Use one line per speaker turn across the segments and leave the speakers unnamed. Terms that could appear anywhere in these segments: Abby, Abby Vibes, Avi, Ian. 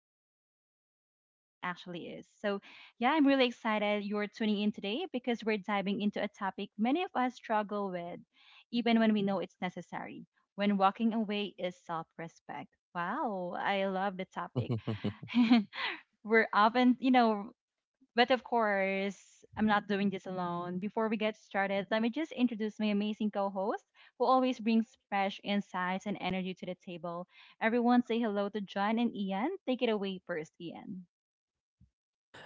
talking about life as it actually is. So, yeah, I'm really excited you're tuning in today because we're diving into a topic many of us struggle with, even when we know it's necessary. When walking away is self respect. Wow, I love the topic. We're often, you know, but of course, I'm not doing this alone. Before we get started, let me just introduce my amazing co host who always brings fresh insights and energy to the table. Everyone say hello to John and Ian. Take it away first, Ian.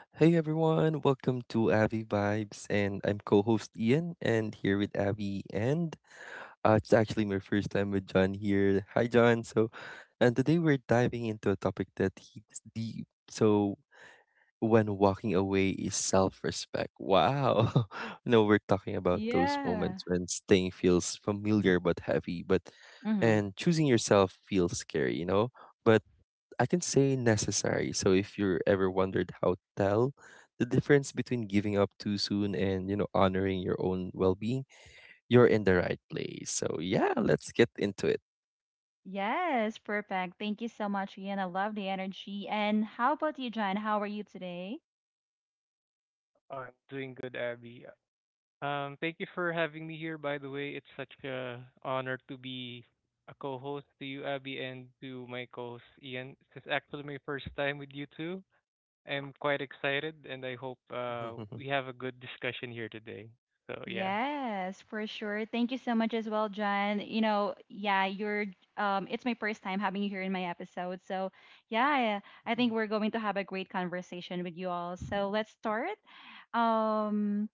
Hey everyone, welcome to Abby Vibes, and I'm co-host Ian, and here with Abby, and it's actually my first time with John here. Hi John. So, and today we're diving into a topic that hits deep. So, when walking away is self-respect. Wow. No, we're talking about those
Yeah.
moments when staying feels familiar but heavy, but
Mm-hmm.
and choosing yourself feels scary. But I can say necessary. So if you're ever wondered how to tell the difference between giving up too soon and, honoring your own well-being, you're in the right place. So yeah, let's get into it.
Yes, perfect. Thank you so much, Ian. I love the energy. And how about you, John? How are you today?
I'm doing good, Abby. Thank you for having me here. By the way, it's such a honor to be a co-host to you, Abby, and to my co-host Ian. This is actually my first time with you two. I'm quite excited, and I hope we have a good discussion here today. So yeah.
Yes, for sure. Thank you so much as well, John. You know, yeah, you're it's my first time having you here in my episode. So, yeah, I
Mhm.
think we're going to have a great conversation with you all. So, let's start. Um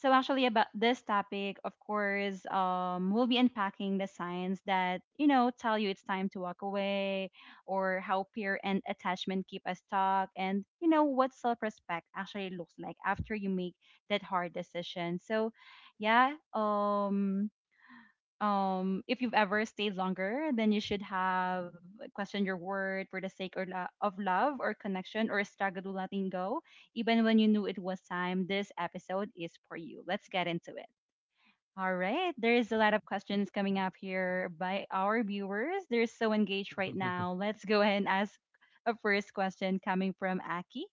so actually about this topic, of course, we'll be unpacking the signs that, you know, tell you it's time to walk away or how peer and attachment keep us stuck and, you know, what self-respect actually looks like after you make that hard decision. So, yeah, if you've ever stayed longer then you should have, like, questioned your word for the sake or of love or connection or struggle to letting go even when you knew it was time, this episode is for you. Let's get into it. All right, there's a lot of questions coming up here by our viewers. They're so engaged right now. Let's go ahead and ask a first question coming from Aki.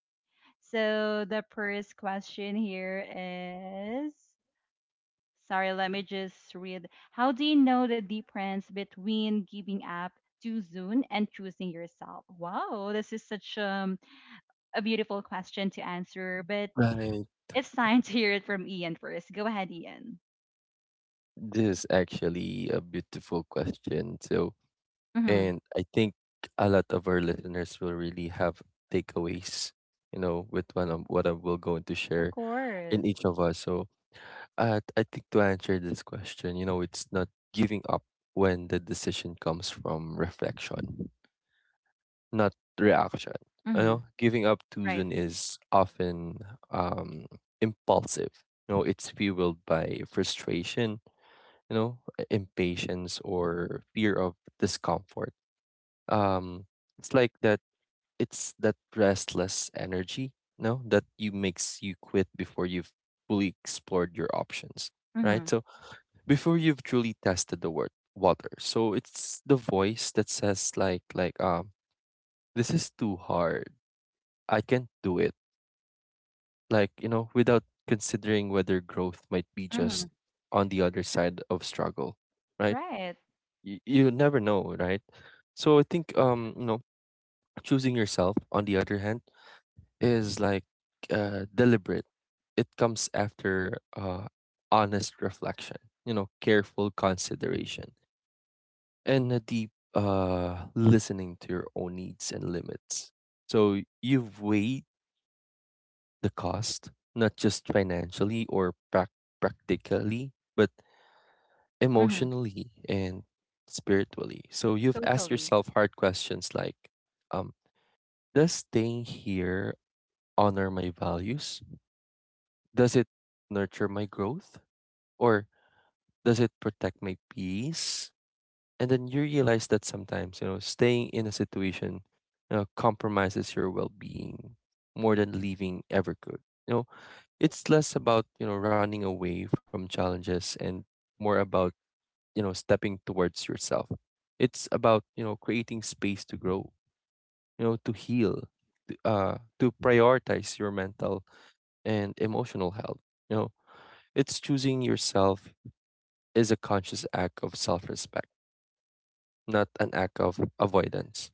So the first question here is, sorry, let me just read. How do you know the difference between giving up too soon and choosing yourself? Wow, this is such a beautiful question to answer, but
Right.
it's time to hear it from Ian first. Go ahead, Ian.
This is actually a beautiful question. So,
Mm-hmm.
and I think a lot of our listeners will really have takeaways, you know, with one of what I will going to share
Of course.
in each of us. So I think to answer this question, you know, it's not giving up when the decision comes from reflection, not reaction. You
Mm-hmm.
know, giving up too
Right.
soon is often um impulsive. You know, it's fueled by frustration, you know, impatience or fear of discomfort. Um it's like that it's that restless energy, no, that you makes you quit before you've fully explored your options, right?
Mm-hmm.
So before you've truly tested the word water. So it's the voice that says like this is too hard. I can't do it. Like, you know, without considering whether growth might be
Mm-hmm.
just on the other side of struggle, right?
Right.
You never know, right? So I think you know, choosing yourself on the other hand is like deliberate. It comes after honest reflection, you know, careful consideration, and a deep listening to your own needs and limits. So you've weighed the cost, not just financially or practically, but
Mm-hmm.
emotionally and spiritually. So you've asked
Totally.
yourself hard questions like, um, does staying here honor my values? Does it nurture my growth or does it protect my peace? And then you realize that sometimes, you know, staying in a situation you know, compromises your well being more than leaving ever could. You know, it's less about, you know, running away from challenges and more about, you know, stepping towards yourself. It's about, you know, creating space to grow, you know, to heal, to prioritize your mental and emotional health. You know, it's choosing yourself is a conscious act of self respect, not an act of avoidance.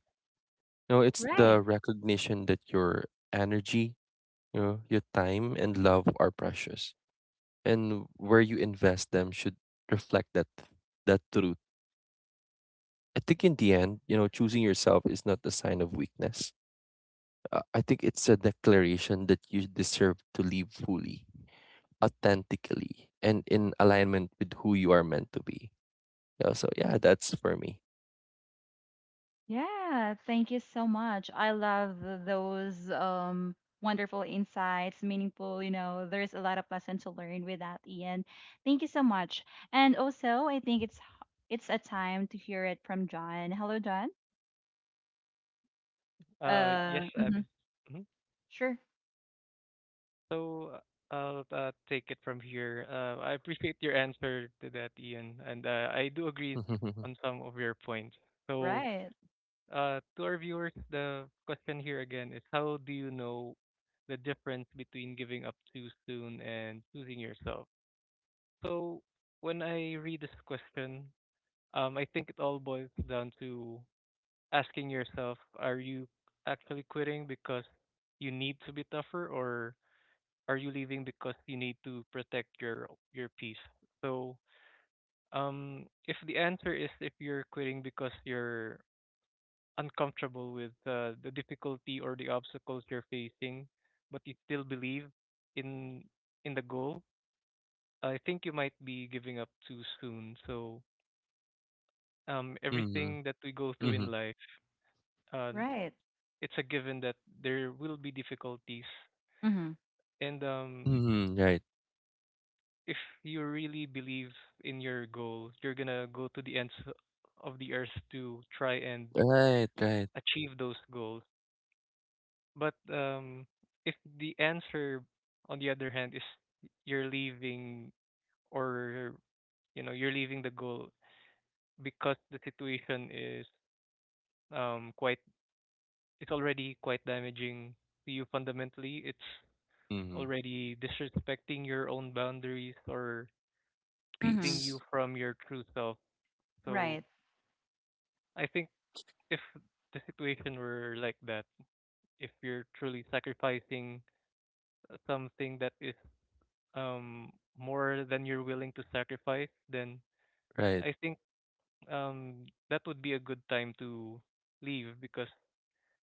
You know, it's the
Right.
recognition that your energy, you know, your time and love are precious. And where you invest them should reflect that truth. I think in the end, you know, choosing yourself is not a sign of weakness. I think it's a declaration that you deserve to live fully, authentically, and in alignment with who you are meant to be. Yeah, so yeah, that's for me.
Yeah, thank you so much. I love those wonderful insights, meaningful, you know, there's a lot of lesson to learn with that, Ian. Thank you so much. And also, I think it's a time to hear it from John. Hello, John.
Yes,
Mhm.
Abby. Hmm.
Sure.
So I'll take it from here. I appreciate your answer to that, Ian, and I do agree on some of your points. So.
Right.
To our viewers, the question here again is how do you know the difference between giving up too soon and choosing yourself? So when I read this question, I think it all boils down to asking yourself, are you actually quitting because you need to be tougher or are you leaving because you need to protect your peace? So if the answer is if you're quitting because you're uncomfortable with the difficulty or the obstacles you're facing, but you still believe in in the goal, I think you might be giving up too soon. So
Hmm.
everything that we go through in life, uh,
Right.
it's a given that there will be difficulties,
Mhm.
and
Mhm, right.
if you really believe in your goal, you're gonna go to the ends of the earth to try and
Right, right.
achieve those goals. But if the answer, on the other hand, is you're leaving or you know you're leaving the goal because the situation is quite it's already quite damaging to you fundamentally. It's
Mhm.
already disrespecting your own boundaries or keeping
Mhm.
Peace.
you from your true self. So
Right.
I think if the situation were like that, if you're truly sacrificing something that is um more than you're willing to sacrifice, then
Right.
I think that would be a good time to leave because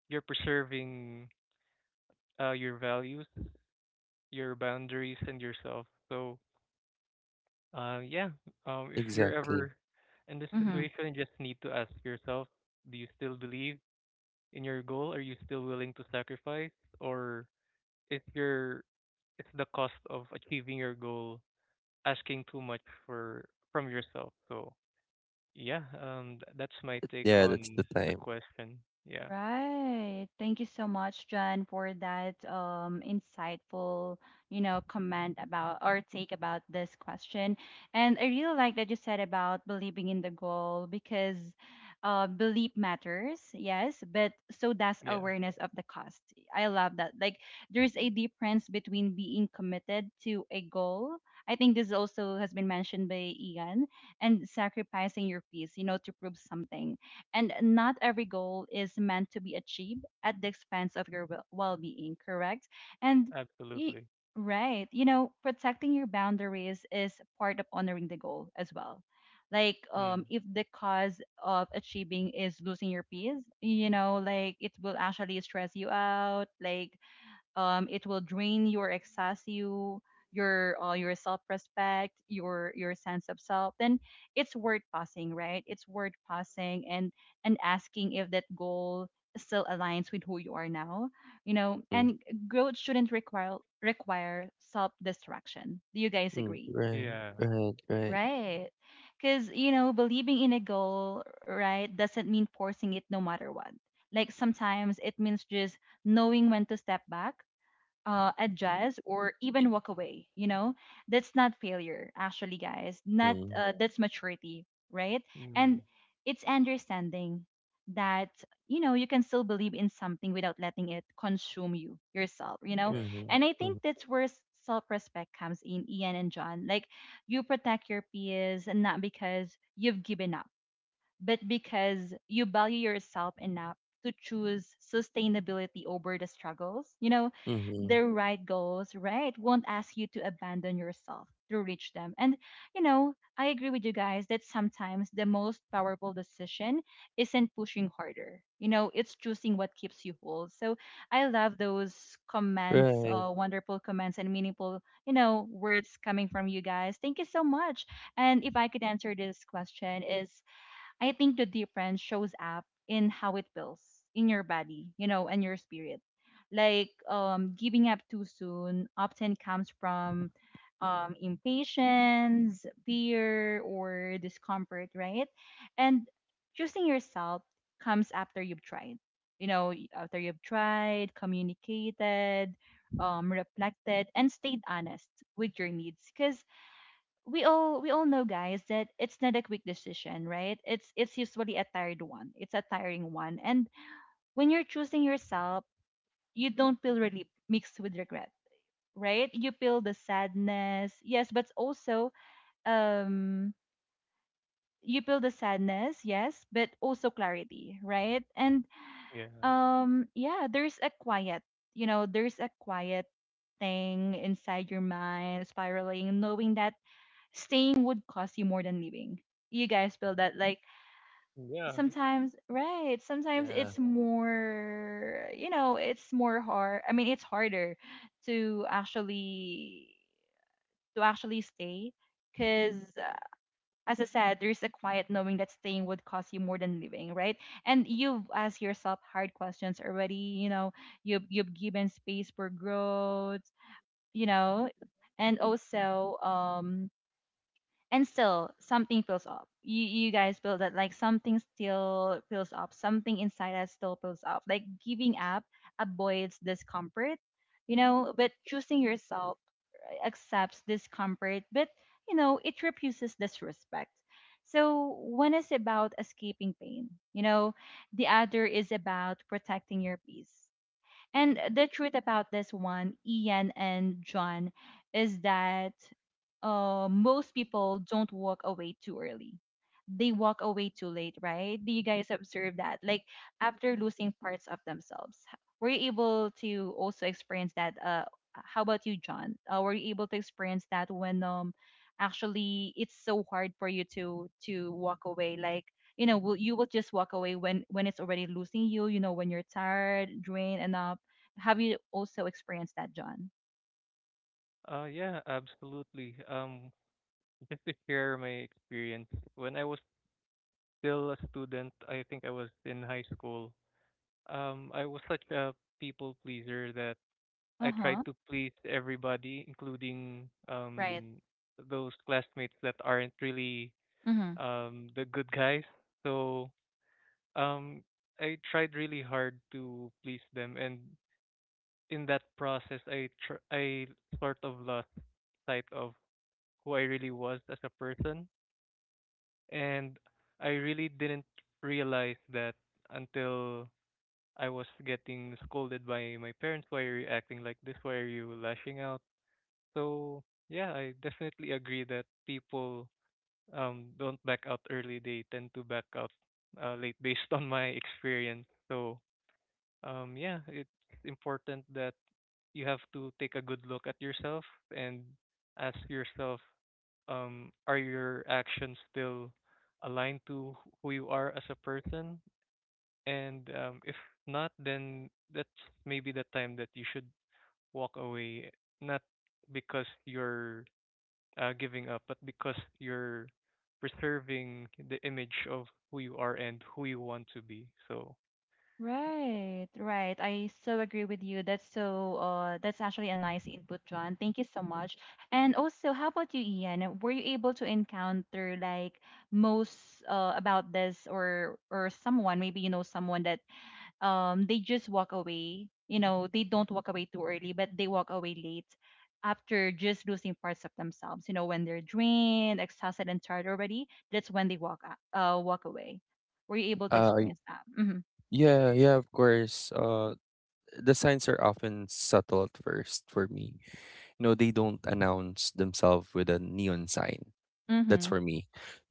you're preserving your values, your boundaries and yourself. So yeah, if you're
Exactly.
ever in this
Mhm.
situation you just need to ask yourself, do you still believe in your goal? Are you still willing to sacrifice? Or is your is the cost of achieving your goal asking too much for from yourself? So yeah, that's my take
Yeah, that's the
on the
time.
question. Yeah,
Right. Thank you so much, John, for that insightful, you know, comment about or take about this question. And I really like that you said about believing in the goal because belief matters, yes, but so does
yeah,
awareness of the cost. I love that. Like, there's a difference between being committed to a goal. I think this also has been mentioned by Ian and sacrificing your peace, you know, to prove something, and not every goal is meant to be achieved at the expense of your well being, correct? And y-
absolutely.
right, you know, protecting your boundaries is part of honoring the goal as well. Like,
Mm.
if the cause of achieving is losing your peace, you know, like it will actually stress you out, like, it will drain your excess you, your self-respect, your sense of self, then it's worth pausing, right? It's worth pausing and asking if that goal still aligns with who you are now, you know.
Mm,
And growth shouldn't require self-destruction. Do you guys
mm,
agree?
right,
Yeah,
right, right.
Right, because you know believing in a goal, right, doesn't mean forcing it no matter what. Like sometimes it means just knowing when to step back, adjust, or even walk away, you know. That's not failure actually, guys, not
Mm,
that's maturity, right. And
mm.
it's understanding that, you know, you can still believe in something without letting it consume you yourself, you know.
Yeah,
mhm,
And I
mhm,
think that's where self-respect comes in, Ian and John. Like, you protect your peers and not because you've given up, but because you value yourself enough to choose sustainability over the struggles. You know,
mhm.
the right goals, right, won't ask you to abandon yourself to reach them. And, you know, I agree with you guys that sometimes the most powerful decision isn't pushing harder. You know, it's choosing what keeps you whole. So I love those comments,
Right.
wonderful comments and meaningful, you know, words coming from you guys. Thank you so much. And if I could answer this question is I think the difference shows up in how it feels in your body, you know, and your spirit. Like, giving up too soon often comes from impatience, fear, or discomfort, right? And choosing yourself comes after you've tried. You know, after you've tried, communicated, reflected, and stayed honest with your needs. Because we all know, guys, that it's not a quick decision, right? It's usually a tired one. It's a tiring one. And when you're choosing yourself, you don't feel relief mixed with regret. Right, you feel the sadness, yes, but also um you feel the sadness yes but also clarity right. And
yeah,
yeah, there's a quiet, you know, there's a quiet thing inside your mind spiraling, knowing that staying would cost you more than leaving. You guys feel that? Like
yeah.
sometimes, right, sometimes
Yeah.
it's more, you know, it's more hard, I mean it's harder to actually stay because, as I said, there's a quiet knowing that staying would cost you more than living, right? And you've asked yourself hard questions already, you know, you've given space for growth, you know, and also and still something fills up you. You guys feel that? Like something still fills up, something inside us still fills up. Like giving up avoids discomfort, you know, but choosing yourself, accepts discomfort, but you know it refuses disrespect. So one is about escaping pain, you know, the other is about protecting your peace. And the truth about this one, Ian and John, is that, most people don't walk away too early. They walk away too late, right? Do you guys observe that? Like after losing parts of themselves, were you able to also experience that? How about you, John? Were you able to experience that when actually it's so hard for you to walk away? Like you know, will you will just walk away when it's already losing you. You know, when you're tired, drained enough, have you also experienced that, John?
Yeah, absolutely. Just to share my experience, when I was still a student, I think I was in high school. I was such a people pleaser that I tried
Uh-huh.
to please everybody, including
Right.
those classmates that aren't really
Mm-hmm.
the good guys. So Um, I tried really hard to please them, and in that process, I sort of lost sight of who I really was as a person, and I really didn't realize that until I was getting scolded by my parents. Why are you acting like this? Why are you lashing out? So yeah, I definitely agree that people don't back out early. They tend to back out late, based on my experience. So yeah, it's important that you have to take a good look at yourself and ask yourself are your actions still aligned to who you are as a person, and if not then that's maybe the time that you should walk away, not because you're giving up but because you're preserving the image of who you are and who you want to be. So
Right, right. I so agree with you. That's so that's actually a nice input, John. Thank you so much. And also, how about you, Ian? Were you able to encounter like most about this or someone, maybe you know someone that they just walk away, you know they don't walk away too early but they walk away late after just losing parts of themselves, you know, when they're drained, exhausted, and tired already, that's when they walk out, walk away. Were you able to
Uh,
experience that? Mhm.
yeah, yeah, of course. The signs are often subtle at first for me. You know, they don't announce themselves with a neon sign. That's
Mhm.
for me.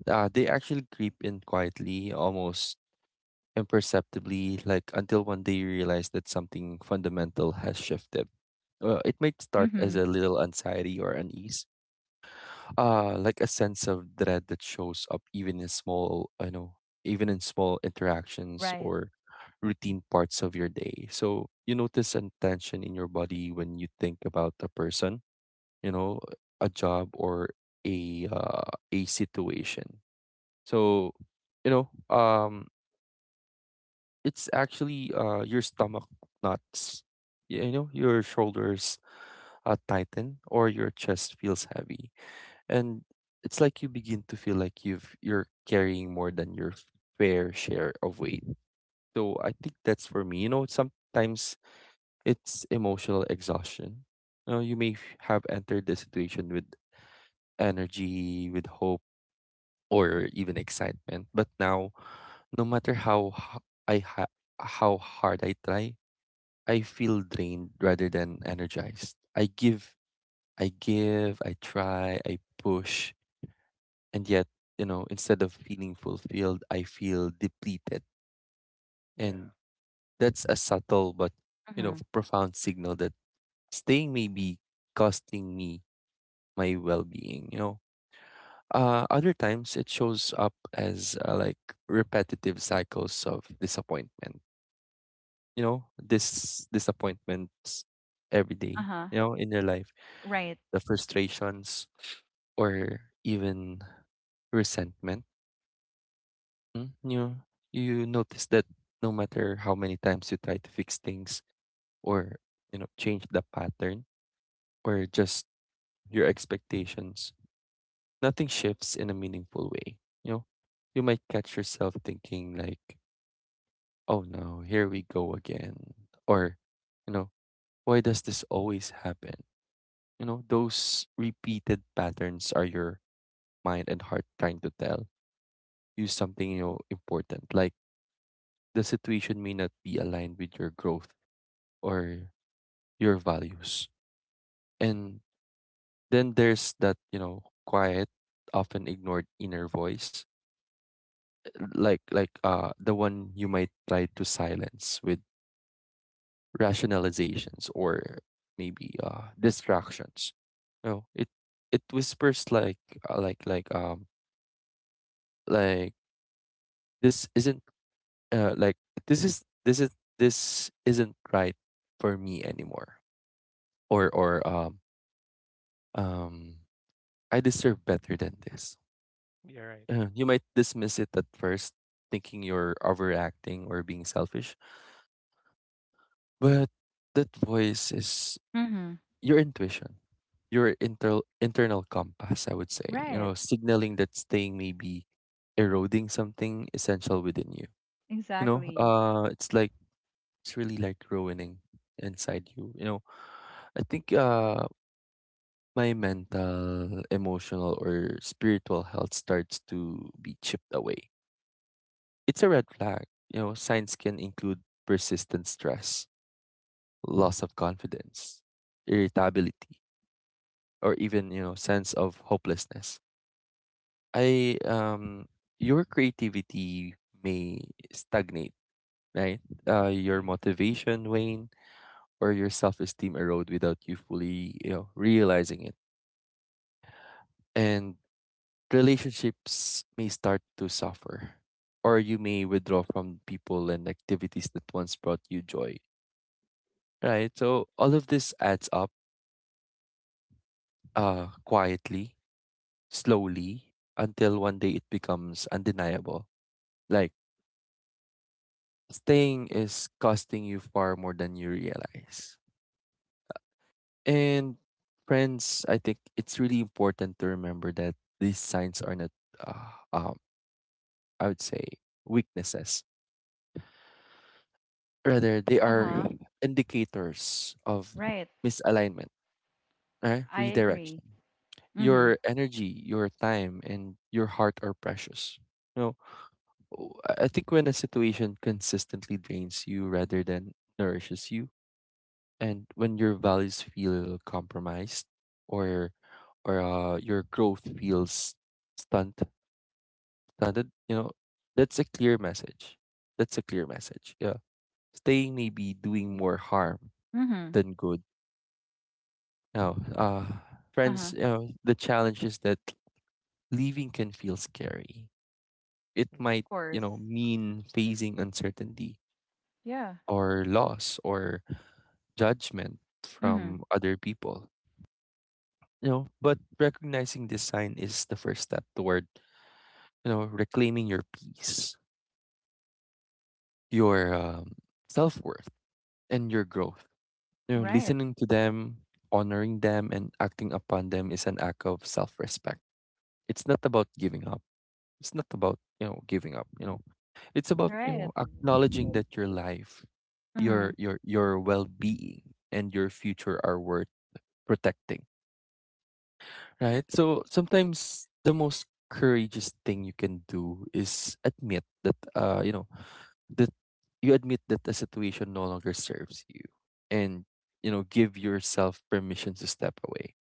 They actually creep in quietly, almost imperceptibly, like until one day you realize that something fundamental has shifted. It might start as
Mhm.
a little anxiety or unease, like a sense of dread that shows up even in even in small interactions
Right.
or routine parts of your day. So you notice a tension in your body when you think about a person, you know, a job or a situation. So you know, it's actually your stomach knots. You know, your shoulders tighten or your chest feels heavy. And it's like you begin to feel like you're carrying more than your fair share of weight. So I think that's for me. You know, sometimes it's emotional exhaustion. You know, you may have entered the situation with energy, with hope, or even excitement, but now, no matter I ha- how hard I try, I feel drained rather than energized. I give, I try, I push, and yet, you know, instead of feeling fulfilled, I feel depleted. And
yeah,
that's a subtle but, you know,
Mhm.
profound signal that staying may be costing me my well-being, you know. Other times it shows up as like repetitive cycles of disappointment. You know, this disappointments every day,
Uh-huh.
you know, in your life
Right.
the frustrations or even resentment. Mm, you notice that no matter how many times you try to fix things or you know change the pattern or just your expectations, nothing shifts in a meaningful way. You know, you might catch yourself thinking like, "Oh no, here we go again," or you know, "Why does this always happen?" You know, those repeated patterns are your mind and heart trying to tell you something you know important like the situation may not be aligned with your growth or your values and then there's that you know quiet often ignored inner voice like the one you might try to silence with rationalizations or maybe distractions you know it it whispers like uh, like like um like this isn't uh like this is this is this isn't right for me anymore or um I deserve better than this.
you're right.
You might dismiss it at first, thinking you're overacting or being selfish, but that voice is
Mhm.
your intuition, your internal compass. I would say, you
Right.
know, signaling that staying may be eroding something essential within you. You know,
Exactly.
it's like it's really like ruining inside you. You know, I think my mental, emotional, or spiritual health starts to be chipped away. It's a red flag. You know, signs can include persistent stress, loss of confidence, irritability, or even, you know, sense of hopelessness. I your creativity may stagnate, right? Your
Mm,
motivation wane or your self-esteem erode without you fully, you know, realizing it. And relationships may start to suffer, or you may withdraw from people and activities that once brought you joy. Right? So all of this adds up quietly, slowly, until one day it becomes undeniable. Like, staying is costing you far more than you realize. And friends, I think it's really important to remember that these signs are not, uh, um, I would say, weaknesses. Rather, they are
Uh-huh.
indicators of
Right.
misalignment, right?
I agree.
Redirection.
Mhm.
Your energy, your time, and your heart are precious. You know, I think when a situation consistently drains you rather than nourishes you, and when your values feel compromised or or your growth feels stunt, stunted, you know, that's a clear message. That's a clear message. Yeah. Staying may be doing more harm
Mhm.
than good. No, friends,
Uh-huh.
you know, the challenge is that leaving can feel scary. It
Of
might, you know,
course.
mean facing uncertainty
Yeah.
or loss or judgment
Mhm.
from other people. You know, but recognizing this sign is the first step toward, you know, reclaiming your peace, your self-worth, and your growth. You know,
Right.
listening to them, honoring them, and acting upon them is an act of self-respect. It's not about giving up. It's not about, you know, giving up, you know. It's about, you
Right.
know, acknowledging that your life, your
Mhm.
your your well-being and your future are worth protecting, right? So sometimes the most courageous thing you can do is admit that you know, that you admit that the situation no longer serves you and you know, give yourself permission to step away.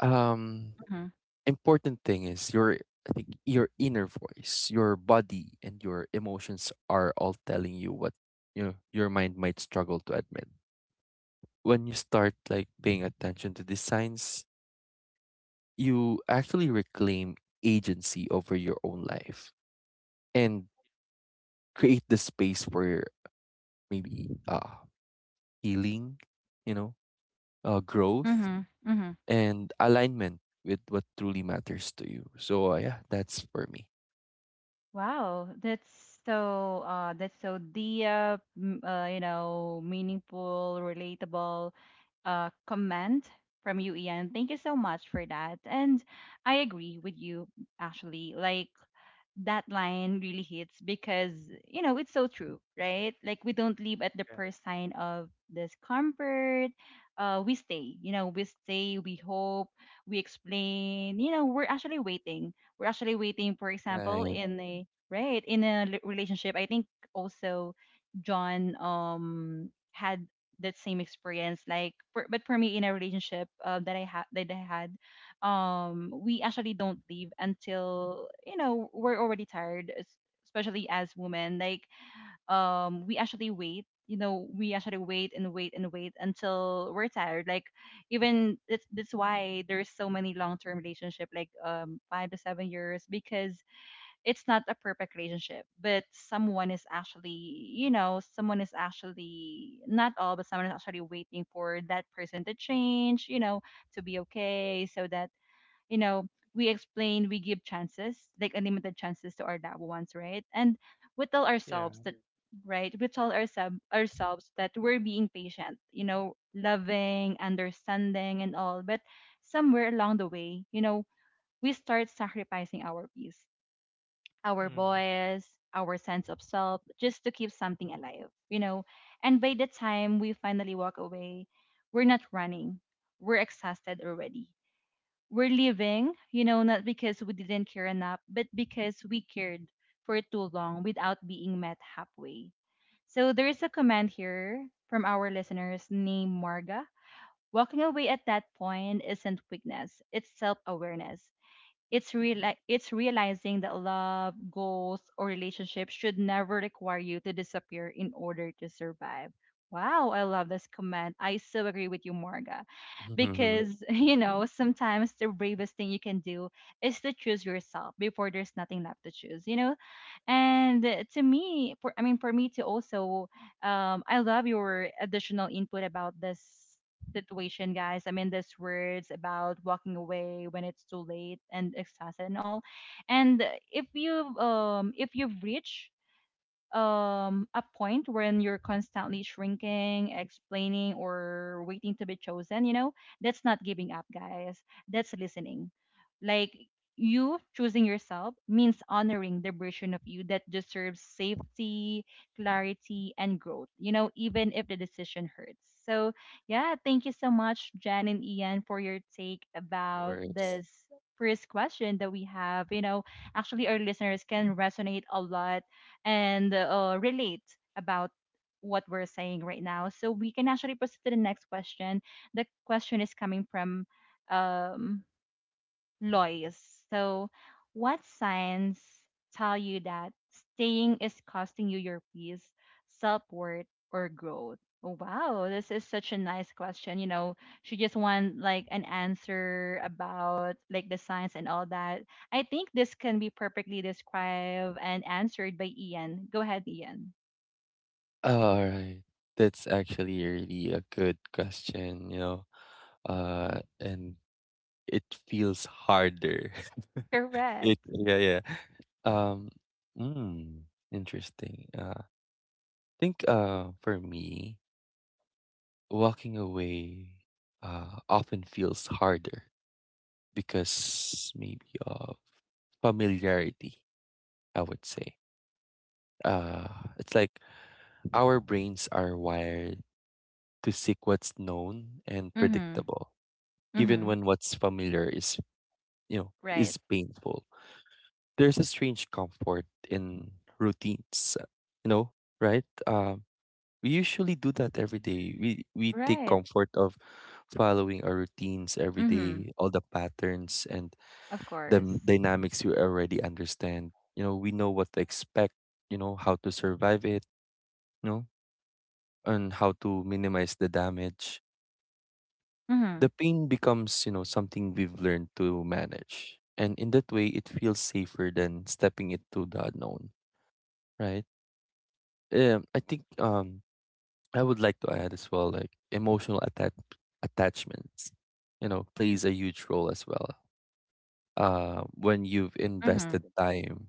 Um
Mhm.
important thing is your I think your inner voice, your body and your emotions are all telling you what you know your mind might struggle to admit. When you start like paying attention to these signs, you actually reclaim agency over your own life and create the space for maybe healing, you know, growth
Mhm. Mhm.
and alignment with what truly matters to you. So yeah, that's for me.
Wow, that's so the you know meaningful, relatable comment from you, Ian. Thank you so much for that. And I agree with you actually. Like that line really hits because you know it's so true, right? Like we don't leave at the first sign of discomfort. We stay, you know, we hope, we explain, you know, we're actually waiting. For example,
Right.
in a right in a relationship, I think also John had that same experience. Like for, but for me in a relationship, that I had we actually don't leave until, you know, we're already tired, especially as women. Like, we actually wait, you know, we actually wait and wait and wait until we're tired. Like, even that's why there's so many long-term relationship like 5 to 7 years because it's not a perfect relationship, but someone is actually, you know, someone is actually not all, but someone is actually waiting for that person to change, you know, to be okay. So that, you know, we explain, we give chances, like unlimited chances to our loved ones, right? And we tell
yeah.
ourselves that, right? We tell ourselves that we're being patient, you know, loving, understanding, and all. But somewhere along the way, you know, we start sacrificing our peace, our
Mm.
voice, our sense of self, just to keep something alive, you know. And by the time we finally walk away, we're not running, we're exhausted already, we're leaving, you know, not because we didn't care enough, but because we cared for too long without being met halfway. So there is a comment here from our listeners named Marga. Walking away at that point isn't weakness, it's self awareness. It's realizing that love, goals, or relationships should never require you to disappear in order to survive. Wow, I love this comment. I so agree with you, Marga.
Of
Because, you know, sometimes the bravest thing you can do is to choose yourself before there's nothing left to choose. You know, and to me, for me to also, I love your additional input about this situation, guys. I mean, this words about walking away when it's too late and exhausted and all. And if you if you've reached a point when you're constantly shrinking, explaining or waiting to be chosen, you know, that's not giving up, guys. That's listening. Like you choosing yourself means honoring the version of you that deserves safety, clarity, and growth, you know, even if the decision hurts. So, yeah, thank you so much, Jan and Ian, for your take about
course.
this first question that we have. You know, actually, our listeners can resonate a lot and relate about what we're saying right now. So we can actually proceed to the next question. The question is coming from um, Lois. So, what signs tell you that staying is costing you your peace, self worth, or growth? Oh, wow, this is such a nice question. You know, she just want like an answer about like the signs and all that. I think this can be perfectly described and answered by Ian. Go ahead, Ian.
All right. That's actually really a good question, you know. And it feels harder. It
Correct.
yeah, yeah. Um interesting. I think for me, walking away often feels harder because maybe of familiarity, I would say. It's like our brains are wired to seek what's known and
Mhm.
predictable even
Mhm.
when what's familiar is, you know,
Right.
is painful. There's a strange comfort in routines, you know, right? We usually do that every day. We take
Right.
comfort of following our routines every
Mhm.
day, all the patterns and
Of
the
course.
dynamics we already understand. You know, we know what to expect. You know how to survive it. You know, and how to minimize the damage.
Mhm.
The pain becomes, you know, something we've learned to manage. And in that way, it feels safer than stepping into the unknown, right? Um, I think um, I would like to add as well, like emotional attachments, you know, plays a huge role as well. When you've
Mhm.
invested time,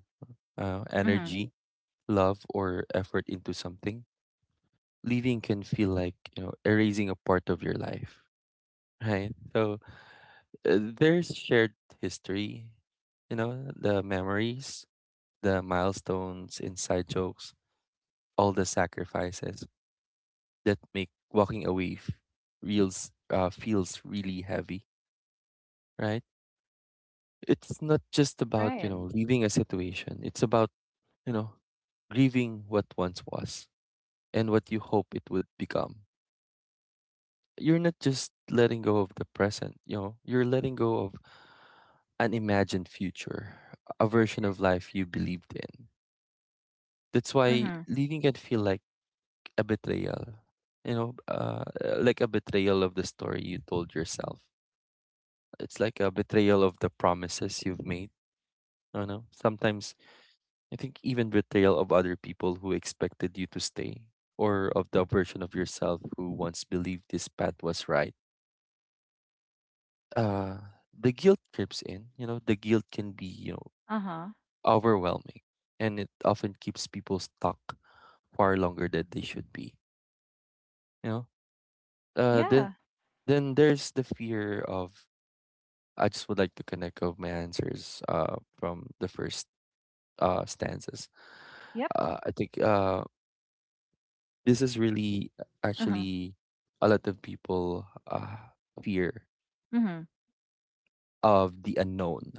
Mhm.
energy, love, or effort into something, leaving can feel like, you know, erasing a part of your life, right? So there's shared history, you know, the memories, the milestones, inside jokes, all the sacrifices that make walking away f- reels feels really heavy, right? It's not just about, you
Right.
know, leaving a situation. It's about, you know, grieving what once was and what you hope it would become. You're not just letting go of the present, you know, you're letting go of an imagined future, a version of life you believed in. That's why
Mm-hmm.
leaving can feel like a betrayal, you know, uh, like a betrayal of the story you told yourself. It's like a betrayal of the promises you've made. I don't know. Sometimes I think even betrayal of other people who expected you to stay, or of the version of yourself who once believed this path was right. uh the guilt creeps in, you know, the guilt can be, you know,
Uh-huh.
overwhelming, and it often keeps people stuck far longer than they should be, you know. Then
Yeah.
there's the fear of— I just would like to connect of my answers from the first stanzas.
Yep.
I think this is really
Uh-huh.
actually a lot of people fear
Mhm.
of the unknown,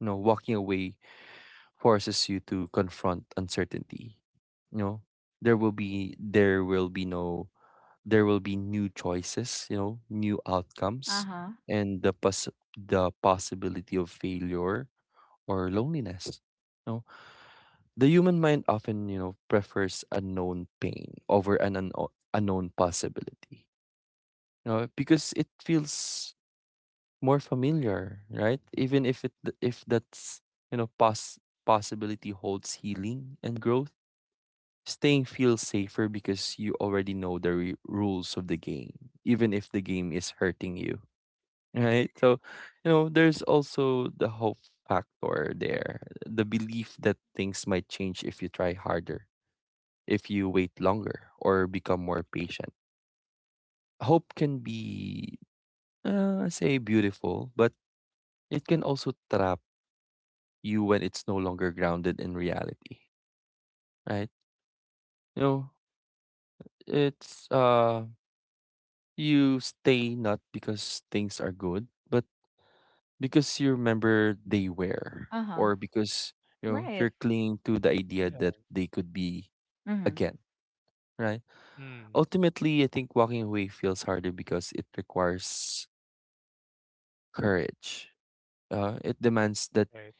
you know. Walking away forces you to confront uncertainty. You know, there will be no there will be new choices, you know, new outcomes,
Uh-huh.
and the possibility of failure or loneliness. You know, the human mind often, you know, prefers unknown pain over an unknown unknown possibility. You know, because it feels more familiar, right? Even if it if that's, you know, possibility holds healing and growth, staying feels safer because you already know the rules of the game, even if the game is hurting you, right? So, you know, there's also the hope factor there, the belief that things might change if you try harder, if you wait longer, or become more patient. Hope can be, say, beautiful, but it can also trap you when it's no longer grounded in reality, right? You know, it's you stay not because things are good, but because you remember they were,
Uh-huh.
or because, you know,
Right.
you're clinging to the idea
Yeah.
that they could be
Mhm.
again, right?
Mm.
Ultimately, I think walking away feels harder because it requires courage. It demands that
Right.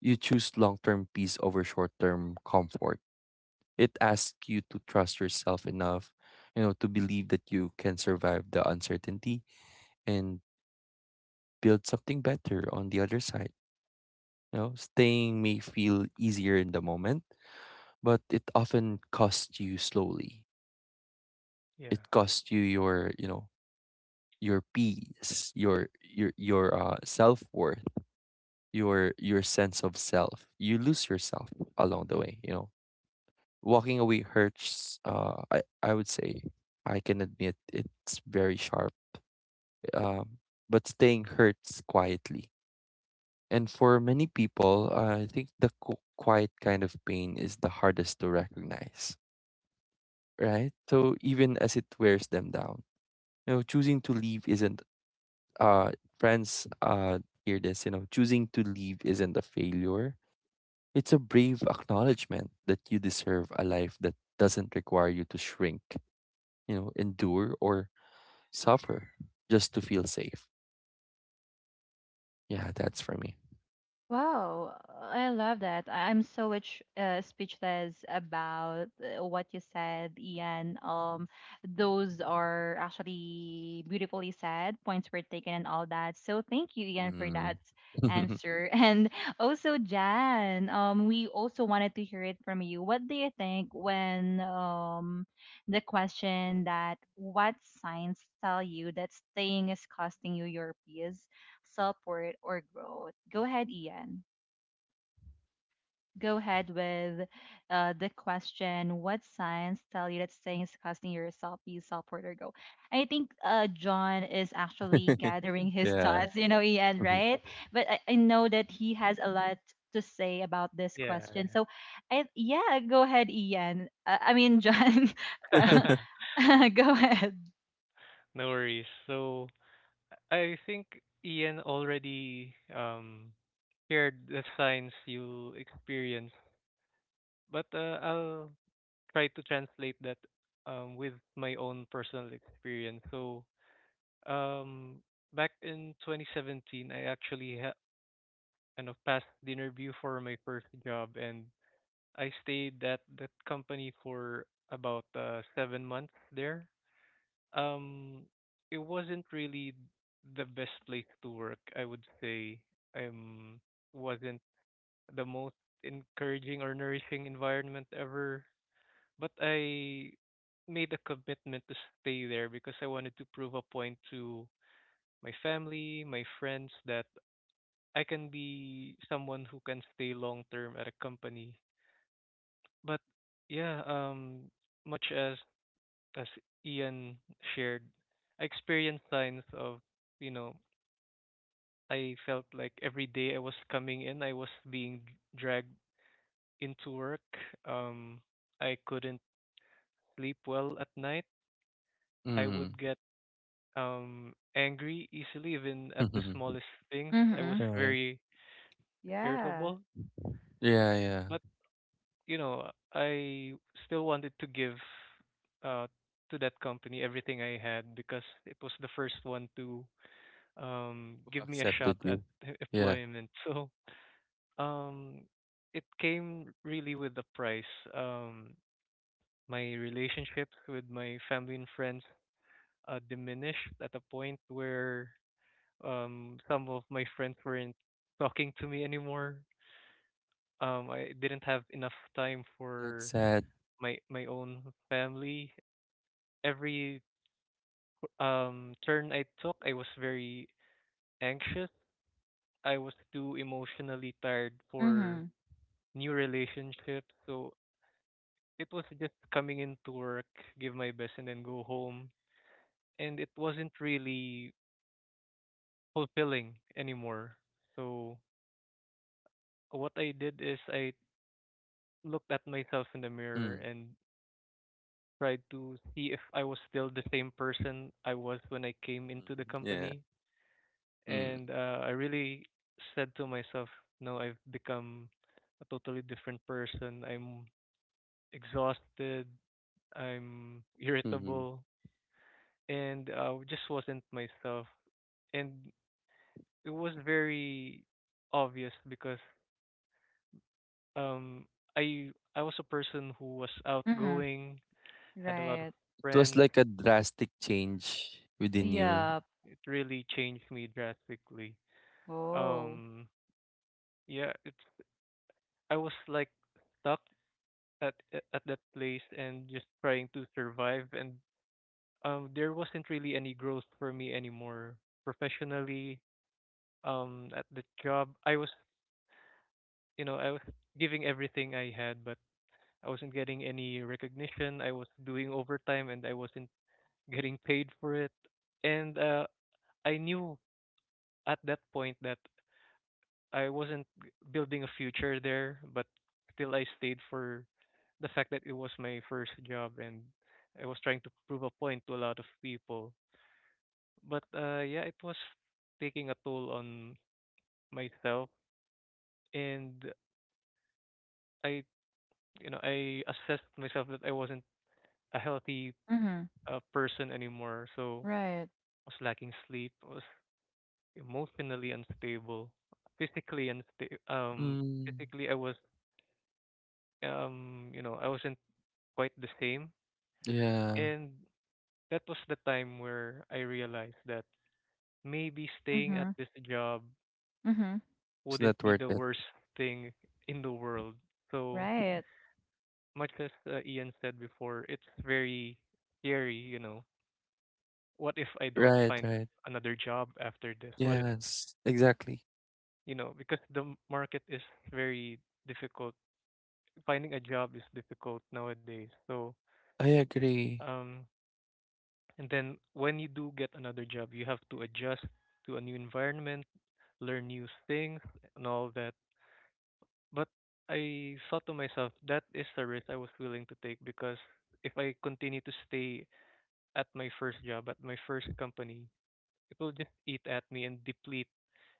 you choose long-term peace over short-term comfort. It asks you to trust yourself enough, you know, to believe that you can survive the uncertainty and build something better on the other side. You know, staying may feel easier in the moment, but it often costs you slowly.
Yeah.
It costs you your, you know, your peace, your self worth, your sense of self. You lose yourself along the way. You know, walking away hurts. I would say I can admit it's very sharp. Um, but staying hurts quietly. And for many people, I think the quiet kind of pain is the hardest to recognize, right? So even as it wears them down, you know, choosing to leave isn't— uh friends, hear this, you know, choosing to leave isn't a failure. It's a brave acknowledgement that you deserve a life that doesn't require you to shrink, you know, endure, or suffer just to feel safe. Yeah, that's for me.
Wow, I love that. I'm so much speechless about what you said, Ian. Those are actually beautifully said, points were taken, and all that. So thank you, Ian, for
Mm.
that answer. And also, Jan, we also wanted to hear it from you. What do you think when the question that what signs tell you that staying is costing you your peace? Support, or growth? Go ahead, Ian. Go ahead with the question. What signs tell you that staying is costing yourself is support or growth? I think John is actually gathering his
Yeah.
thoughts, you know, Ian, right? But I know that he has a lot to say about this
Yeah.
question. So, I, yeah, go ahead, Ian. I mean, John.
Yeah.
uh, go ahead.
No worries. So I think Ian already shared the signs you experience, but I'll try to translate that with my own personal experience. So um back in 2017, I kind of passed the interview for my first job, and I stayed at that company for about 7 months there. um it wasn't really the best place to work, I would say. um wasn't the most encouraging or nourishing environment ever, but I made a commitment to stay there because I wanted to prove a point to my family, my friends, that I can be someone who can stay long term at a company. But yeah, much as Ian shared, I experienced signs of, you know, I felt like every day I was coming in, I was being dragged into work. Um, I couldn't sleep well at night. I
Mm.
would get angry easily, even at the smallest things. I was
Mm-hmm.
Right.
very
Yeah.
irritable,
Yeah, yeah.
but I still wanted to give uh to that company everything I had because it was the first one to
Who
give me a shot
accepted
at
you? Yeah.
employment. So um, it came really with the price. Um, my relationships with my family and friends diminished at a point where some of my friends weren't talking to me anymore. I didn't have enough time
That's
for
sad.
my own family. Every turn I took, I was very anxious. I was too emotionally tired for
Mm-hmm.
new relationship. So it was just coming into work, give my best, and then go home. And it wasn't really fulfilling anymore. So what I did is I looked at myself in the mirror
Mm,
and tried to see if I was still the same person I was when I came into the
mhm, yeah.
company.
Mm,
And I really said to myself, no, I've become a totally different person. I'm exhausted. I'm
mhm.
irritable and just wasn't myself. And it was very obvious because um, I was a person who was
Mm-hmm.
outgoing, had a lot of
Right.
It was
friends.
like a drastic change within
It
you.
Yeah.
it really changed me drastically.
Oh.
Um, yeah, it's I was like stuck at that place and just trying to survive. And there wasn't really any growth for me anymore professionally. At the job, I was giving everything I had, but I wasn't getting any recognition. I was doing overtime and I wasn't getting paid for it. And I knew at that point that I wasn't building a future there, but still I stayed for the fact that it was my first job and I was trying to prove a point to a lot of people. But yeah, it was taking a toll on myself and I you know I assessed myself that I wasn't a healthy
Mhm.
person anymore. So
Right.
I was lacking sleep. I was emotionally unstable, physically unstable. Um,
Mm,
physically I wasn't quite the same.
yeah,
And that was the time where I realized that maybe staying at
Mhm.
this job
Mhm.
it's
wouldn't
not
be
worth
the
it.
worst thing in the world. So
Right.
much as Ian said before, it's very scary. What if I don't
Right,
find
right.
another job after this? What if
Yes, exactly.
because the market is very difficult. Finding a job is difficult nowadays. So,
I agree.
um, and then when you do get another job, you have to adjust to a new environment, learn new things, and all that. But I thought to myself, that is the risk I was willing to take because if I continue to stay at my first job, at my first company, it will just eat at me and deplete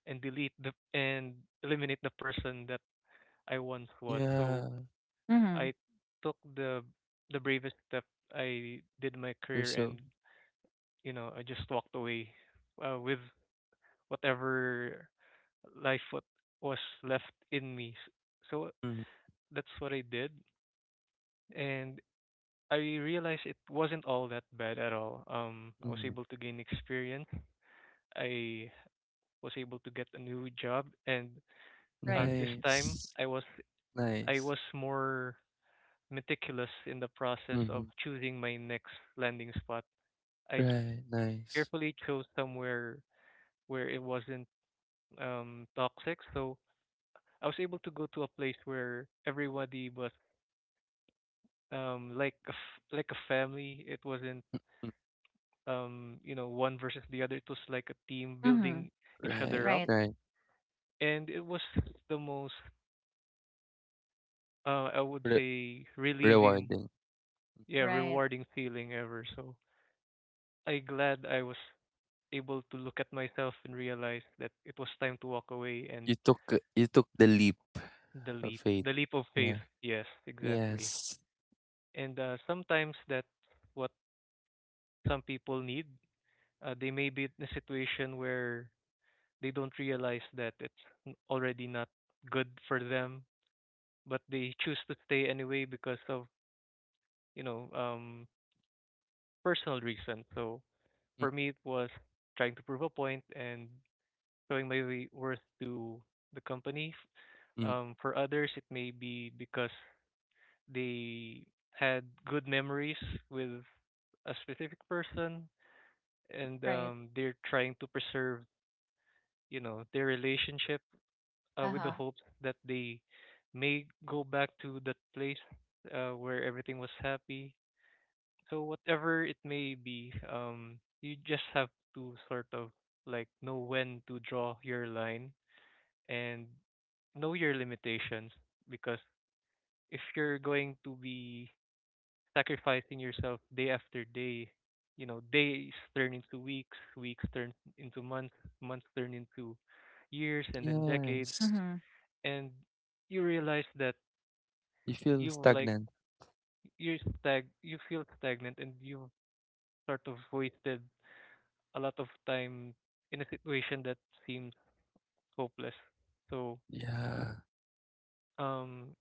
and delete the and eliminate the person that I once was. So
Yeah,
Mhm.
I took the bravest step. I did my
you're
career,
so.
and I just walked away with whatever life what was left in me. So
Mm,
that's what I did, and I realized it wasn't all that bad at all. I was
mm.
able to gain experience. I was able to get a new job, and
Right.
this time
Nice,
I was I
nice.
was more meticulous in the process
Mm-hmm.
of choosing my next landing spot. I
Right, nice.
carefully chose somewhere where it wasn't toxic. So I was able to go to a place where everybody was like a family. It wasn't
Mm,
one versus the other. It was like a team
Mhm.
building each other
right,
up,
Right.
right.
and it was the most I would
Re-
say relieving,
Rewarding.
yeah,
Right.
rewarding feeling ever. So I glad I was able to look at myself and realize that it was time to walk away and
You took— you took the leap
the
of
leap
faith.
the leap of faith.
Yeah.
Yes, exactly.
Yes.
And sometimes that's what some people need. They may be in a situation where they don't realize that it's already not good for them, but they choose to stay anyway because of you know um personal reasons. So
Mm,
for me it was trying to prove a point and showing my worth to the company.
hmm.
For others it may be because they had good memories with a specific person, and
Right.
they're trying to preserve, their relationship with the
Uh-huh.
hope that they may go back to that place where everything was happy. So whatever it may be, you just have to sort of like know when to draw your line and know your limitations because if you're going to be sacrificing yourself day after day. You know, days turn into weeks, weeks turn into months, months turn into years and then decades.
Yes.
Mhm.
And you realize that
You feel
you've like
stagnant.
you feel stagnant and you've sort of wasted a lot of time in a situation that seems hopeless. So
Yeah,
um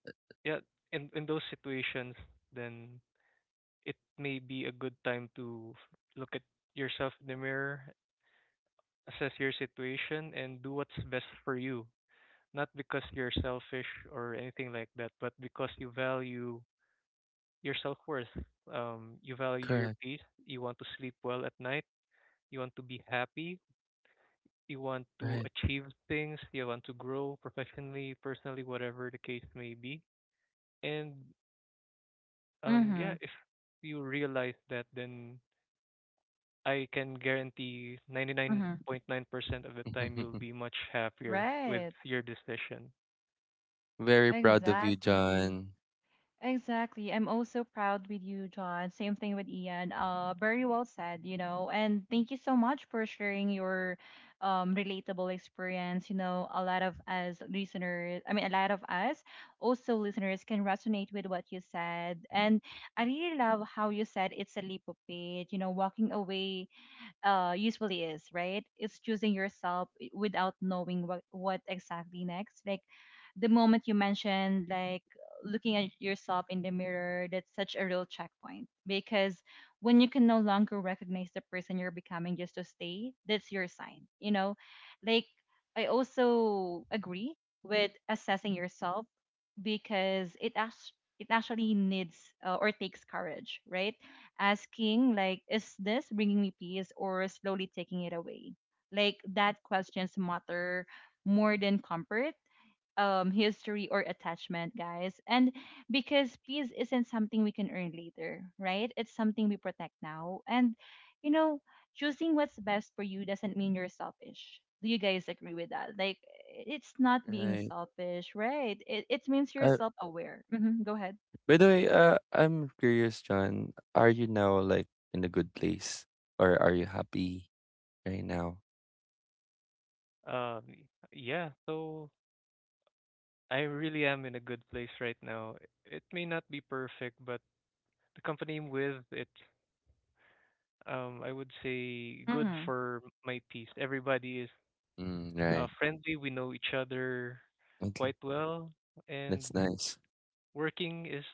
yeah, in those situations then it may be a good time to look at yourself in the mirror, assess your situation and do what's best for you. Not because you're selfish or anything like that, but because you value your self worth. You value your
correct.
peace. You want to sleep well at night. You want to be happy. You want to
Right.
achieve things. You want to grow professionally, personally, whatever the case may be. And yeah,
Mhm.
if you realize that, then I can guarantee
Mhm.
99.9% of the time you'll be much happier with
Right.
your decision.
Very proud of you,
Exactly.
John.
Exactly. I'm also proud with you, John. Same thing with Ian. Very well said, you know. And thank you so much for sharing your relatable experience. You know, a lot of us also listeners can resonate with what you said. And I really love how you said it's a leap of faith, you know, walking away usually is, right? It's choosing yourself eh, without knowing what exactly next. Like the moment you mentioned, like looking at yourself in the mirror, that's such a real checkpoint because when you can no longer recognize the person you're becoming just to stay, that's your sign, you know? Like, I also agree with assessing yourself because it actually needs or takes courage, right? Asking like, is this bringing me peace or slowly taking it away? Like that questions matter more than comfort, history or attachment, guys. And because peace isn't something we can earn later, right? It's something we protect now. And you know, choosing what's best for you doesn't mean you're selfish. Do you guys agree with that? Like it's not being
Right.
selfish, right? It means you're
Uh,
self-aware. Hmm, go ahead.
by the way, I'm curious, John. Are you now like in a good place, or are you happy right now?
Um, yeah, so I really am in a good place right now. It may not be perfect, but the company I'm with, it. I would say good
Mm-hmm.
for my peace. Everybody is
Mm, right.
friendly. We know each other
Okay.
quite well, and
That's nice.
working is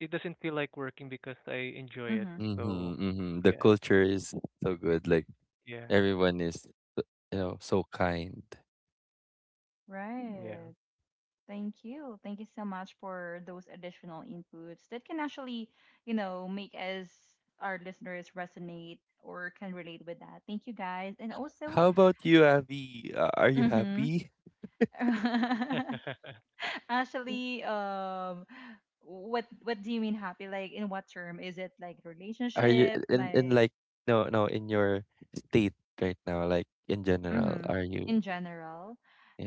it doesn't feel like working because I enjoy it.
Mm-hmm.
So,
Mm-hmm, mm-hmm. The
yeah,
culture is so good. Like
yeah,
everyone is, you know, so kind.
yeah.
Right. Thank you. Thank you so much for those additional inputs that can actually, you know, make us, our listeners, resonate or can relate with that. Thank you guys. And also,
How about you, Abby? Are you
hmm.
happy?
Actually, what do you mean happy? Like in what term? Is it like
Are you
relationship,
in
my—
like— no no, in your state right now, like in general,
Mm-hmm.
are you?
In general.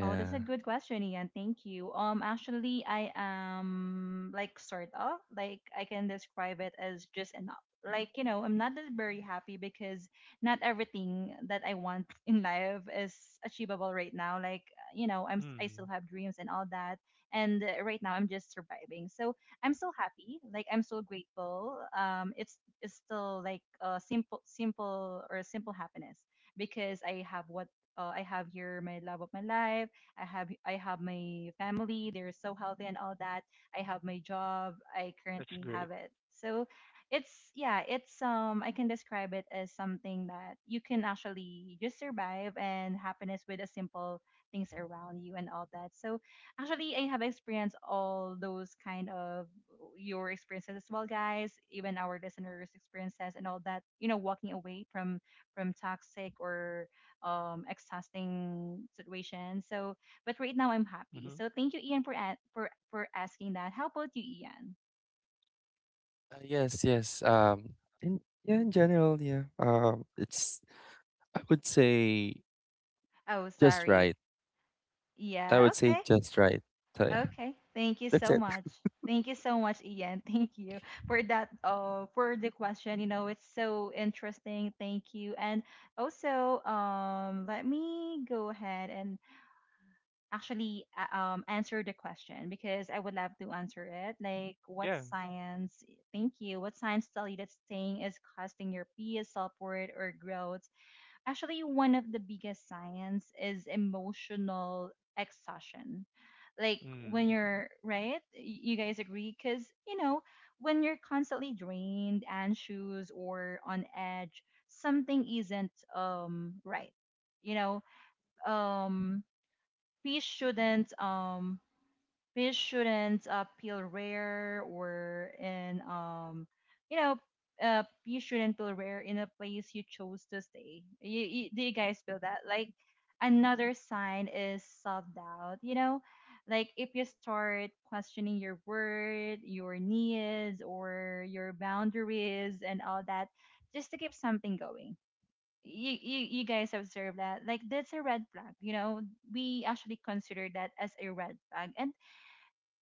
Oh, that's a good question, Ian. Thank you. Actually, I am like sort of like I can describe it as just enough. Like you know, I'm not that very happy because not everything that I want in life is achievable right now. Like you know, I still
Mm,
have dreams and all that, and right now I'm just surviving. So I'm so happy. Like I'm so grateful. It's still like a simple happiness because I have what I have here my love of my life. I have my family. They're so healthy and all that. I have my job. I
that's
currently
great.
have it. So it's yeah, it's I can describe it as something that you can actually just survive and happiness with the simple things around you and all that. So actually I have experienced all those kind of your experiences as well guys, even our listeners experiences and all that, you know, walking away from toxic or exhausting situation. So, but right now I'm happy.
Hmm.
So thank you, Ian, for for asking that. How about you, Ian?
Yes, yes. In, yeah, in general, yeah. It's— I would say
Oh,
just
sorry.
right. I
Yeah.
would say
Okay.
just right. So yeah,
Okay. Thank you
that's
so
it.
much. Thank you so much, Ian. Thank you for that. For the question. You know, it's so interesting. Thank you. And also, let me go ahead and actually answer the question because I would love to answer it. Like, what
Yeah.
science, thank you, what science tell you that staying is costing your peace, self worth, or growth? Actually, one of the biggest science is emotional exhaustion. Like, when
Mm,
you're, right? You guys agree? Because, you know, when you're constantly drained, anxious, or on edge, something isn't right. You know, um fish shouldn't um fish shouldn't peel rare or in you know fish shouldn't peel rare in a place you chose to stay. You do you guys feel that? Like another sign is self doubt. You know, like if you start questioning your word, your needs, or your boundaries and all that, just to keep something going, you guys observe that? Like that's a red flag, you know. We actually consider that as a red flag. And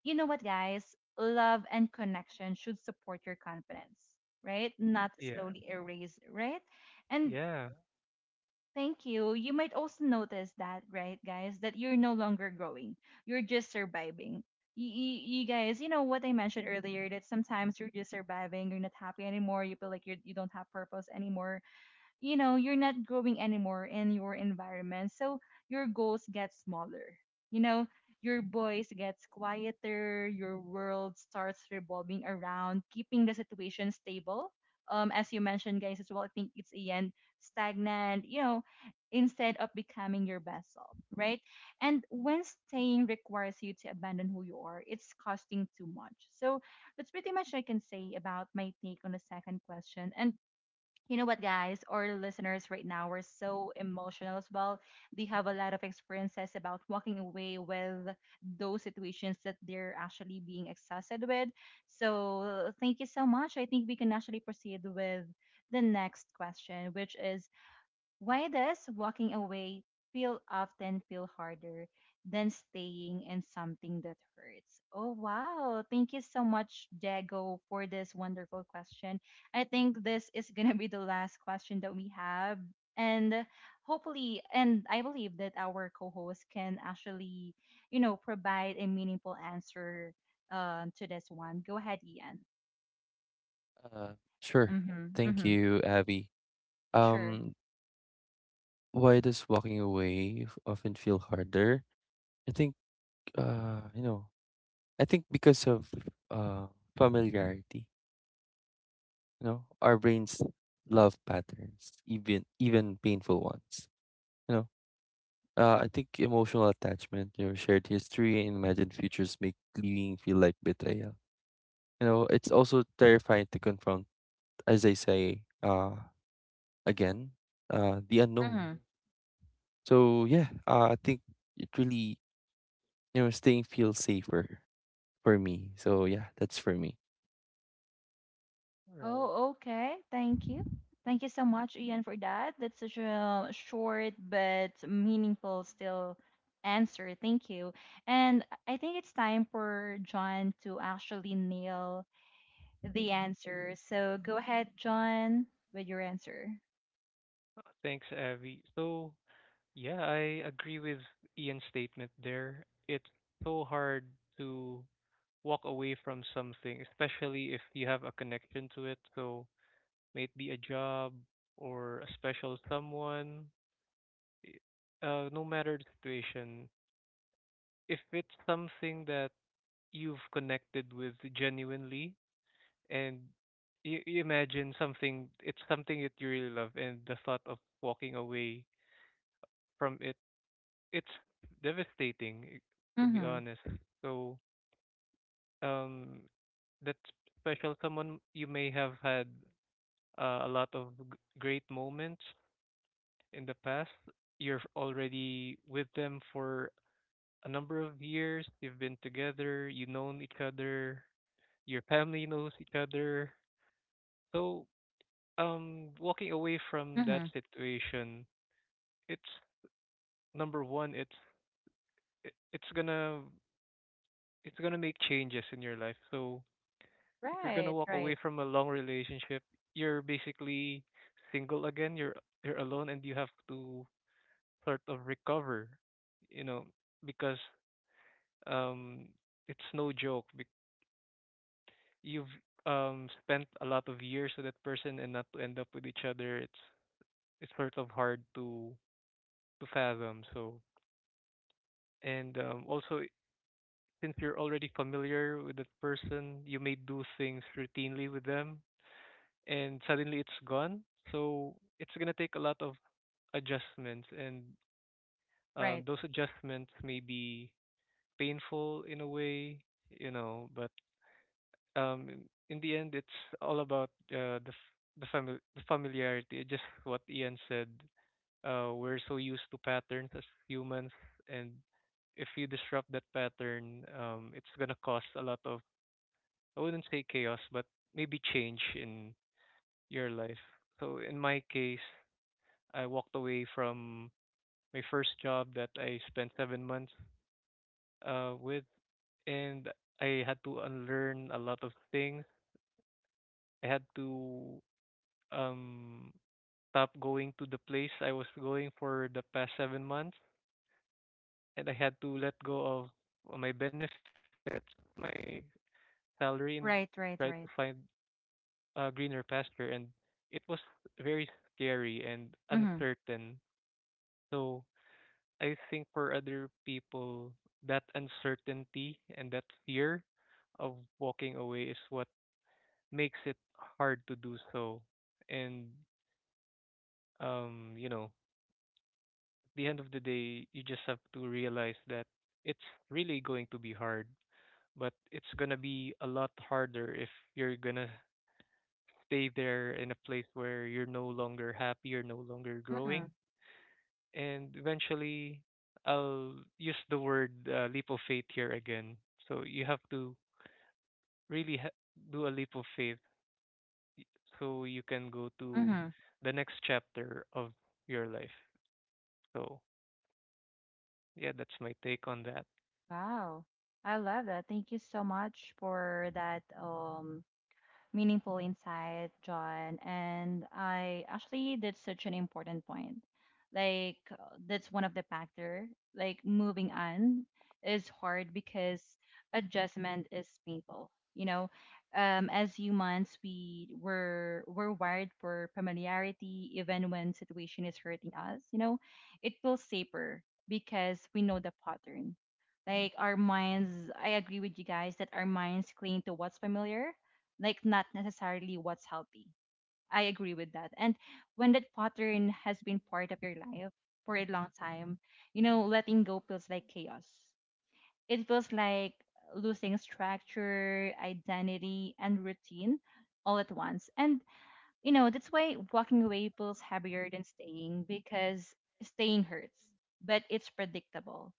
you know what guys, love and connection should support your confidence, right? Not
yeah.
slowly erase, right? And
Yeah.
thank you, you might also notice that, right guys, that you're no longer growing, you're just surviving. You guys, you know what I mentioned earlier, that sometimes you're just surviving, you're not happy anymore, you feel like you don't have purpose anymore, you know, you're not growing anymore in your environment. So your goals get smaller, you know, your voice gets quieter, your world starts revolving around keeping the situation stable. Um, as you mentioned guys as well, I think it's again stagnant, you know, instead of becoming your best self, right? And when staying requires you to abandon who you are, it's costing too much. So that's pretty much I can say about my take on the second question. And you know what guys, our listeners right now are so emotional as well. They have a lot of experiences about walking away with those situations that they're actually being exhausted with. So thank you so much. I think we can actually proceed with the next question, which is, why does walking away feel often feel harder than staying in something that hurts? Oh wow. Thank you so much, Jago, for this wonderful question. I think this is gonna be the last question that we have. And hopefully, and I believe that our co-host can actually, you know, provide a meaningful answer to this one. Go ahead, Ian.
Sure.
Mm-hmm.
Thank
Mm-hmm.
you, Abby.
Sure.
Um, why does walking away often feel harder? I think, you know, I think because of uh familiarity. You know, our brains love patterns, even painful ones. You know, I think emotional attachment, you know, shared history and imagined futures make leaving feel like betrayal. You know, it's also terrifying to confront, as I say, again, the unknown.
Mm-hmm.
So yeah, I think it really, you know, staying feels safer for me. So yeah, that's for me.
Right.
Oh, okay. Thank you. Thank you so much, Ian, for that. That's such a short but meaningful still answer. Thank you. And I think it's time for John to actually nail the answer. So go ahead, John, with your answer.
Thanks, Avi. So, yeah, I agree with Ian's statement there. It's so hard to walk away from something, especially if you have a connection to it. So, may it be a job or a special someone, i- no matter the situation, if it's something that you've connected with genuinely and you imagine something, it's something that you really love, and the thought of walking away from it it's devastating, eh, to be
Mm-hmm.
honest. So, um, that special someone you may have had a lot of great moments in the past. You're already with them for a number of years. You've been together. You've known each other. Your family knows each other. So, walking away from that
Mm-hmm.
situation, it's number one. It's it- it's gonna it's gonna make changes in your life. So if you're gonna
Right,
walk
right,
away from a long relationship, you're basically single again. You're alone, and you have to sort of recover, you know, because um, it's no joke. You've spent a lot of years with that person, and not to end up with each other, it's sort of hard to fathom. So, and also since you're already familiar with that person, you may do things routinely with them and suddenly it's gone. So it's gonna take a lot of adjustments, and
right,
those adjustments may be painful in a way, you know. But um, in in the end, it's all about the the family the familiarity. Just what Ian said. We're so used to patterns as humans, and if you disrupt that pattern, it's gonna cause a lot of I wouldn't say chaos, but maybe change in your life. So in my case, I walked away from my first job that I spent 7 months with, and I had to unlearn a lot of things. I had to um, stop going to the place I was going for the past 7 months, and I had to let go of my benefits, my salary, and
right,
try to
right,
find
right.
a greener pasture. And it was very scary and
Mm-hmm.
uncertain. So I think for other people, that uncertainty and that fear of walking away is what makes it hard to do so. And you know, at the end of the day, you just have to realize that it's really going to be hard, but it's gonna be a lot harder if you're gonna stay there in a place where you're no longer happy, you're no longer
Mm-hmm.
growing, and eventually I'll use the word leap of faith here again. So you have to really ha- do a leap of faith y- so you can go to
Mm-hmm.
the next chapter of your life. So yeah, that's my take on that.
Wow. I love that. Thank you so much for that meaningful insight, John. And I actually that's such an important point. Like that's one of the factor. Like moving on is hard because adjustment is painful. You know, as humans, we're wired for familiarity, even when situation is hurting us. You know, it feels safer because we know the pattern. Like our minds, I agree with you guys that our minds cling to what's familiar like not necessarily what's healthy. I agree with that. And when that pattern has been part of your life for a long time, you know, letting go feels like chaos. It feels like losing structure, identity, and routine all at once. And you know, that's why walking away feels heavier than staying because staying hurts, but it's predictable.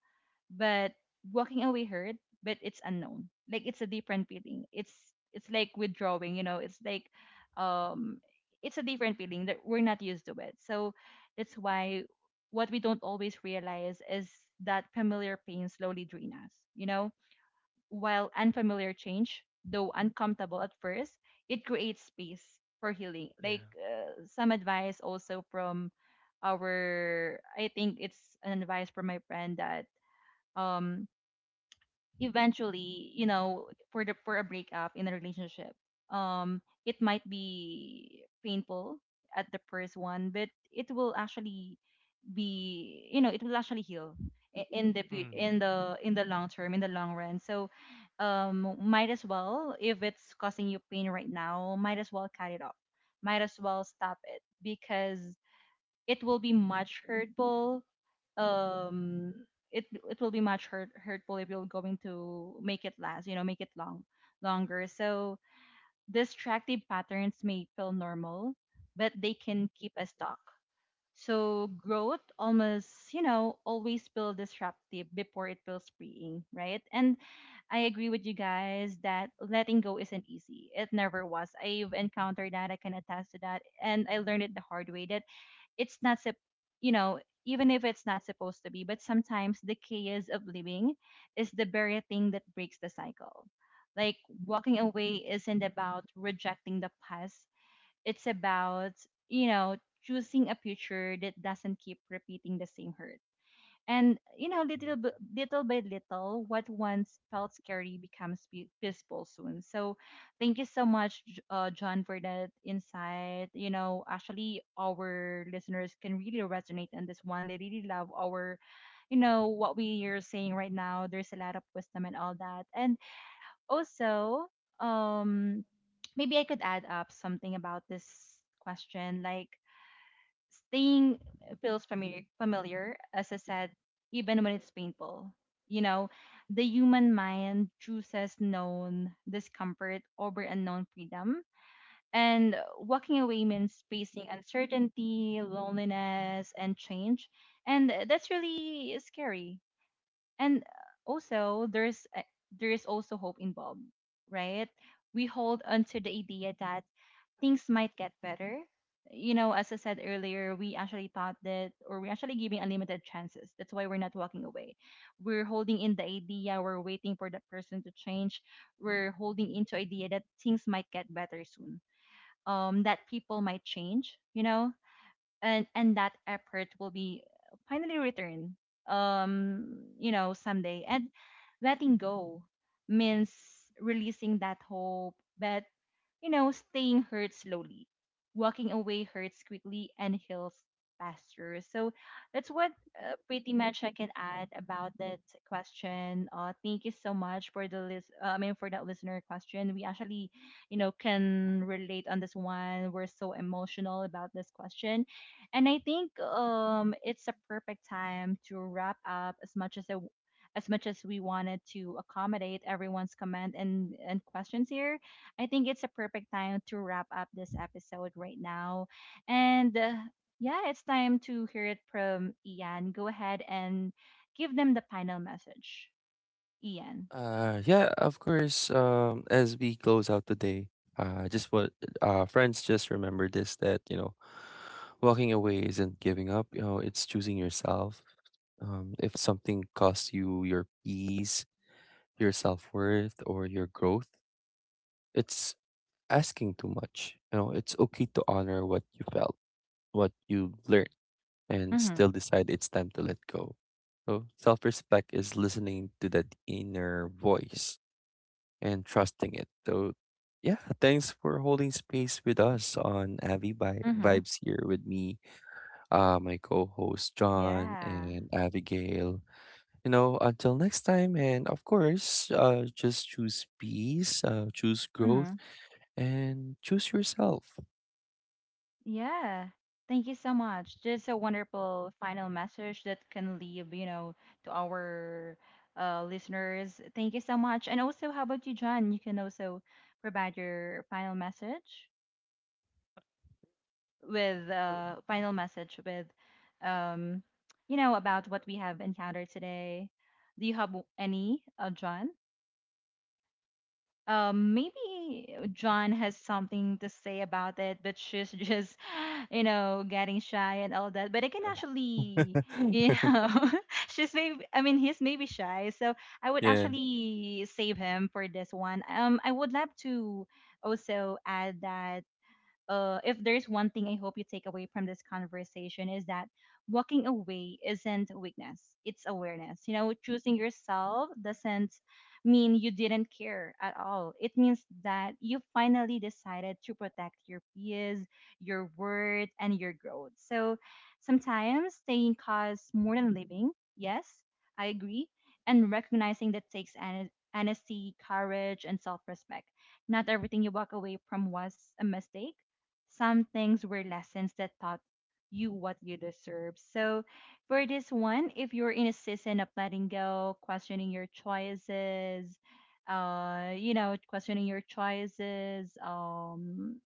But walking away hurt, but it's unknown. Like it's a different feeling. It's like withdrawing, you know, it's like um it's a different feeling that we're not used to it. So that's why what we don't always realize is that familiar pain slowly drain us, you know? While unfamiliar change, though uncomfortable at first, it creates space for healing. Like
Yeah.
some advice also from I think it's an advice from my friend that um eventually, you know, for a breakup in a relationship, it might be painful at the first one, but it will actually be, you know, it will actually heal i- in the fu-
Mm.
in the in the long term, in the long run. So, might as well if it's causing you pain right now, might as well cut it off. Might as well stop it because it will be much hurtful um it it will be much hurtful if you're going to make it last, you know, make it long longer. So distractive patterns may feel normal, but they can keep us stuck. So growth almost, you know, always feels disruptive before it feels freeing, right? And I agree with you guys that letting go isn't easy. It never was. I've encountered that. I can attest to that, and I learned it the hard way that it's not sup- you know, even if it's not supposed to be, but sometimes the chaos of living is the very thing that breaks the cycle. Like walking away isn't about rejecting the past. It's about, you know, choosing a future that doesn't keep repeating the same hurt. And you know,
Mm.
little by little, what once felt scary becomes peaceful soon. So, thank you so much, John, for that insight. You know, actually, our listeners can really resonate on this one. They really love our, you know, what we are saying right now. There's a lot of wisdom and all that. And also, um, maybe I could add up something about this question, like staying feels familiar, familiar, as I said, even when it's painful. You know, the human mind chooses known discomfort over unknown freedom. And walking away means facing uncertainty, loneliness, and change. And that's really scary. And also, there is also hope involved, right? We hold onto the idea that things might get better. You know, as I said earlier, we actually thought that, or we're actually giving unlimited chances. That's why we're not walking away. We're holding in the idea, we're waiting for that person to change. We're holding into idea that things might get better soon. That people might change, you know, and that effort will be finally returned. You know, someday. And letting go means releasing that hope, but you know, staying hurts slowly, walking away hurts quickly, and heals faster. So that's what pretty much I can add about that question. Thank you so much for the list. I mean, for that listener question, we actually, you know, can relate on this one. We're so emotional about this question, and I think it's a perfect time to wrap up. As much as we wanted to accommodate everyone's comment and questions here, I think it's a perfect time to wrap up this episode right now. And yeah, it's time to hear it from Ian. Go ahead and give them the final message, Ian.
Yeah, of course. As we close out the day, just what— friends, just remember this: that, you know, walking away isn't giving up. You know, it's choosing yourself. If something costs you your peace, your self worth, or your growth, it's asking too much. You know, it's okay to honor what you felt, what you learned, and
Mm-hmm.
still decide it's time to let go. So self respect is listening to that inner voice and trusting it. So, yeah, thanks for holding space with us on Avi
Mm-hmm.
Vibes here with me, my co host John
Yeah.
and Abigail. You know, until next time, and of course, just choose peace, choose growth,
Mm-hmm.
and choose yourself.
Yeah. Thank you so much. Just a wonderful final message that can leave, you know, to our listeners. Thank you so much. And also, how about you, John? You can also provide your final message. with
Of
uh, final message with um, you know about what we have encountered today. Do you have any, John? Maybe John has something to say about it, but she's just, you know, getting shy and all that. But I can actually, you know, she's maybe, I mean, he's maybe shy. So I would
Yeah,
actually save him for this one. I would love to also add that if there's one thing I hope you take away from this conversation is that walking away isn't weakness, it's awareness. You know, choosing yourself doesn't mean you didn't care at all. It means that you finally decided to protect your peace, your worth, and your growth. So sometimes staying costs more than living. Yes, I agree. And recognizing that takes honesty, courage, and self respect. Not everything you walk away from was a mistake. Some things were lessons that taught you what you deserve. So for this one, if you're in a season of letting go, questioning your choices, uh, you know, questioning your choices, um,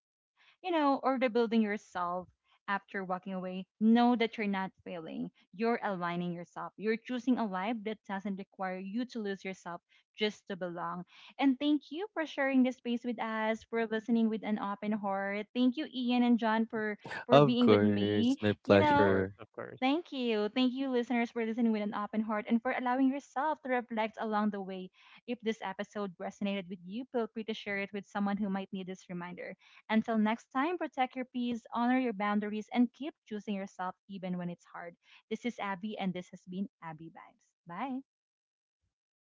you know, or rebuilding yourself after walking away, know that you're not failing. You're aligning yourself. You're choosing a life that doesn't require you to lose yourself just to belong. And thank you for sharing this space with us, for listening with an open heart. Thank you, Ian and John, for
of
being with me.
course, my
You know,
course,
pleasure.
of course.
thank you. Thank you, listeners, for listening with an open heart and for allowing yourself to reflect along the way. If this episode resonated with you, feel free to share it with someone who might need this reminder. Until next time, protect your peace, honor your boundaries, and keep choosing yourself even when it's hard. This is Abby, and this has been Abby Vibes. Bye.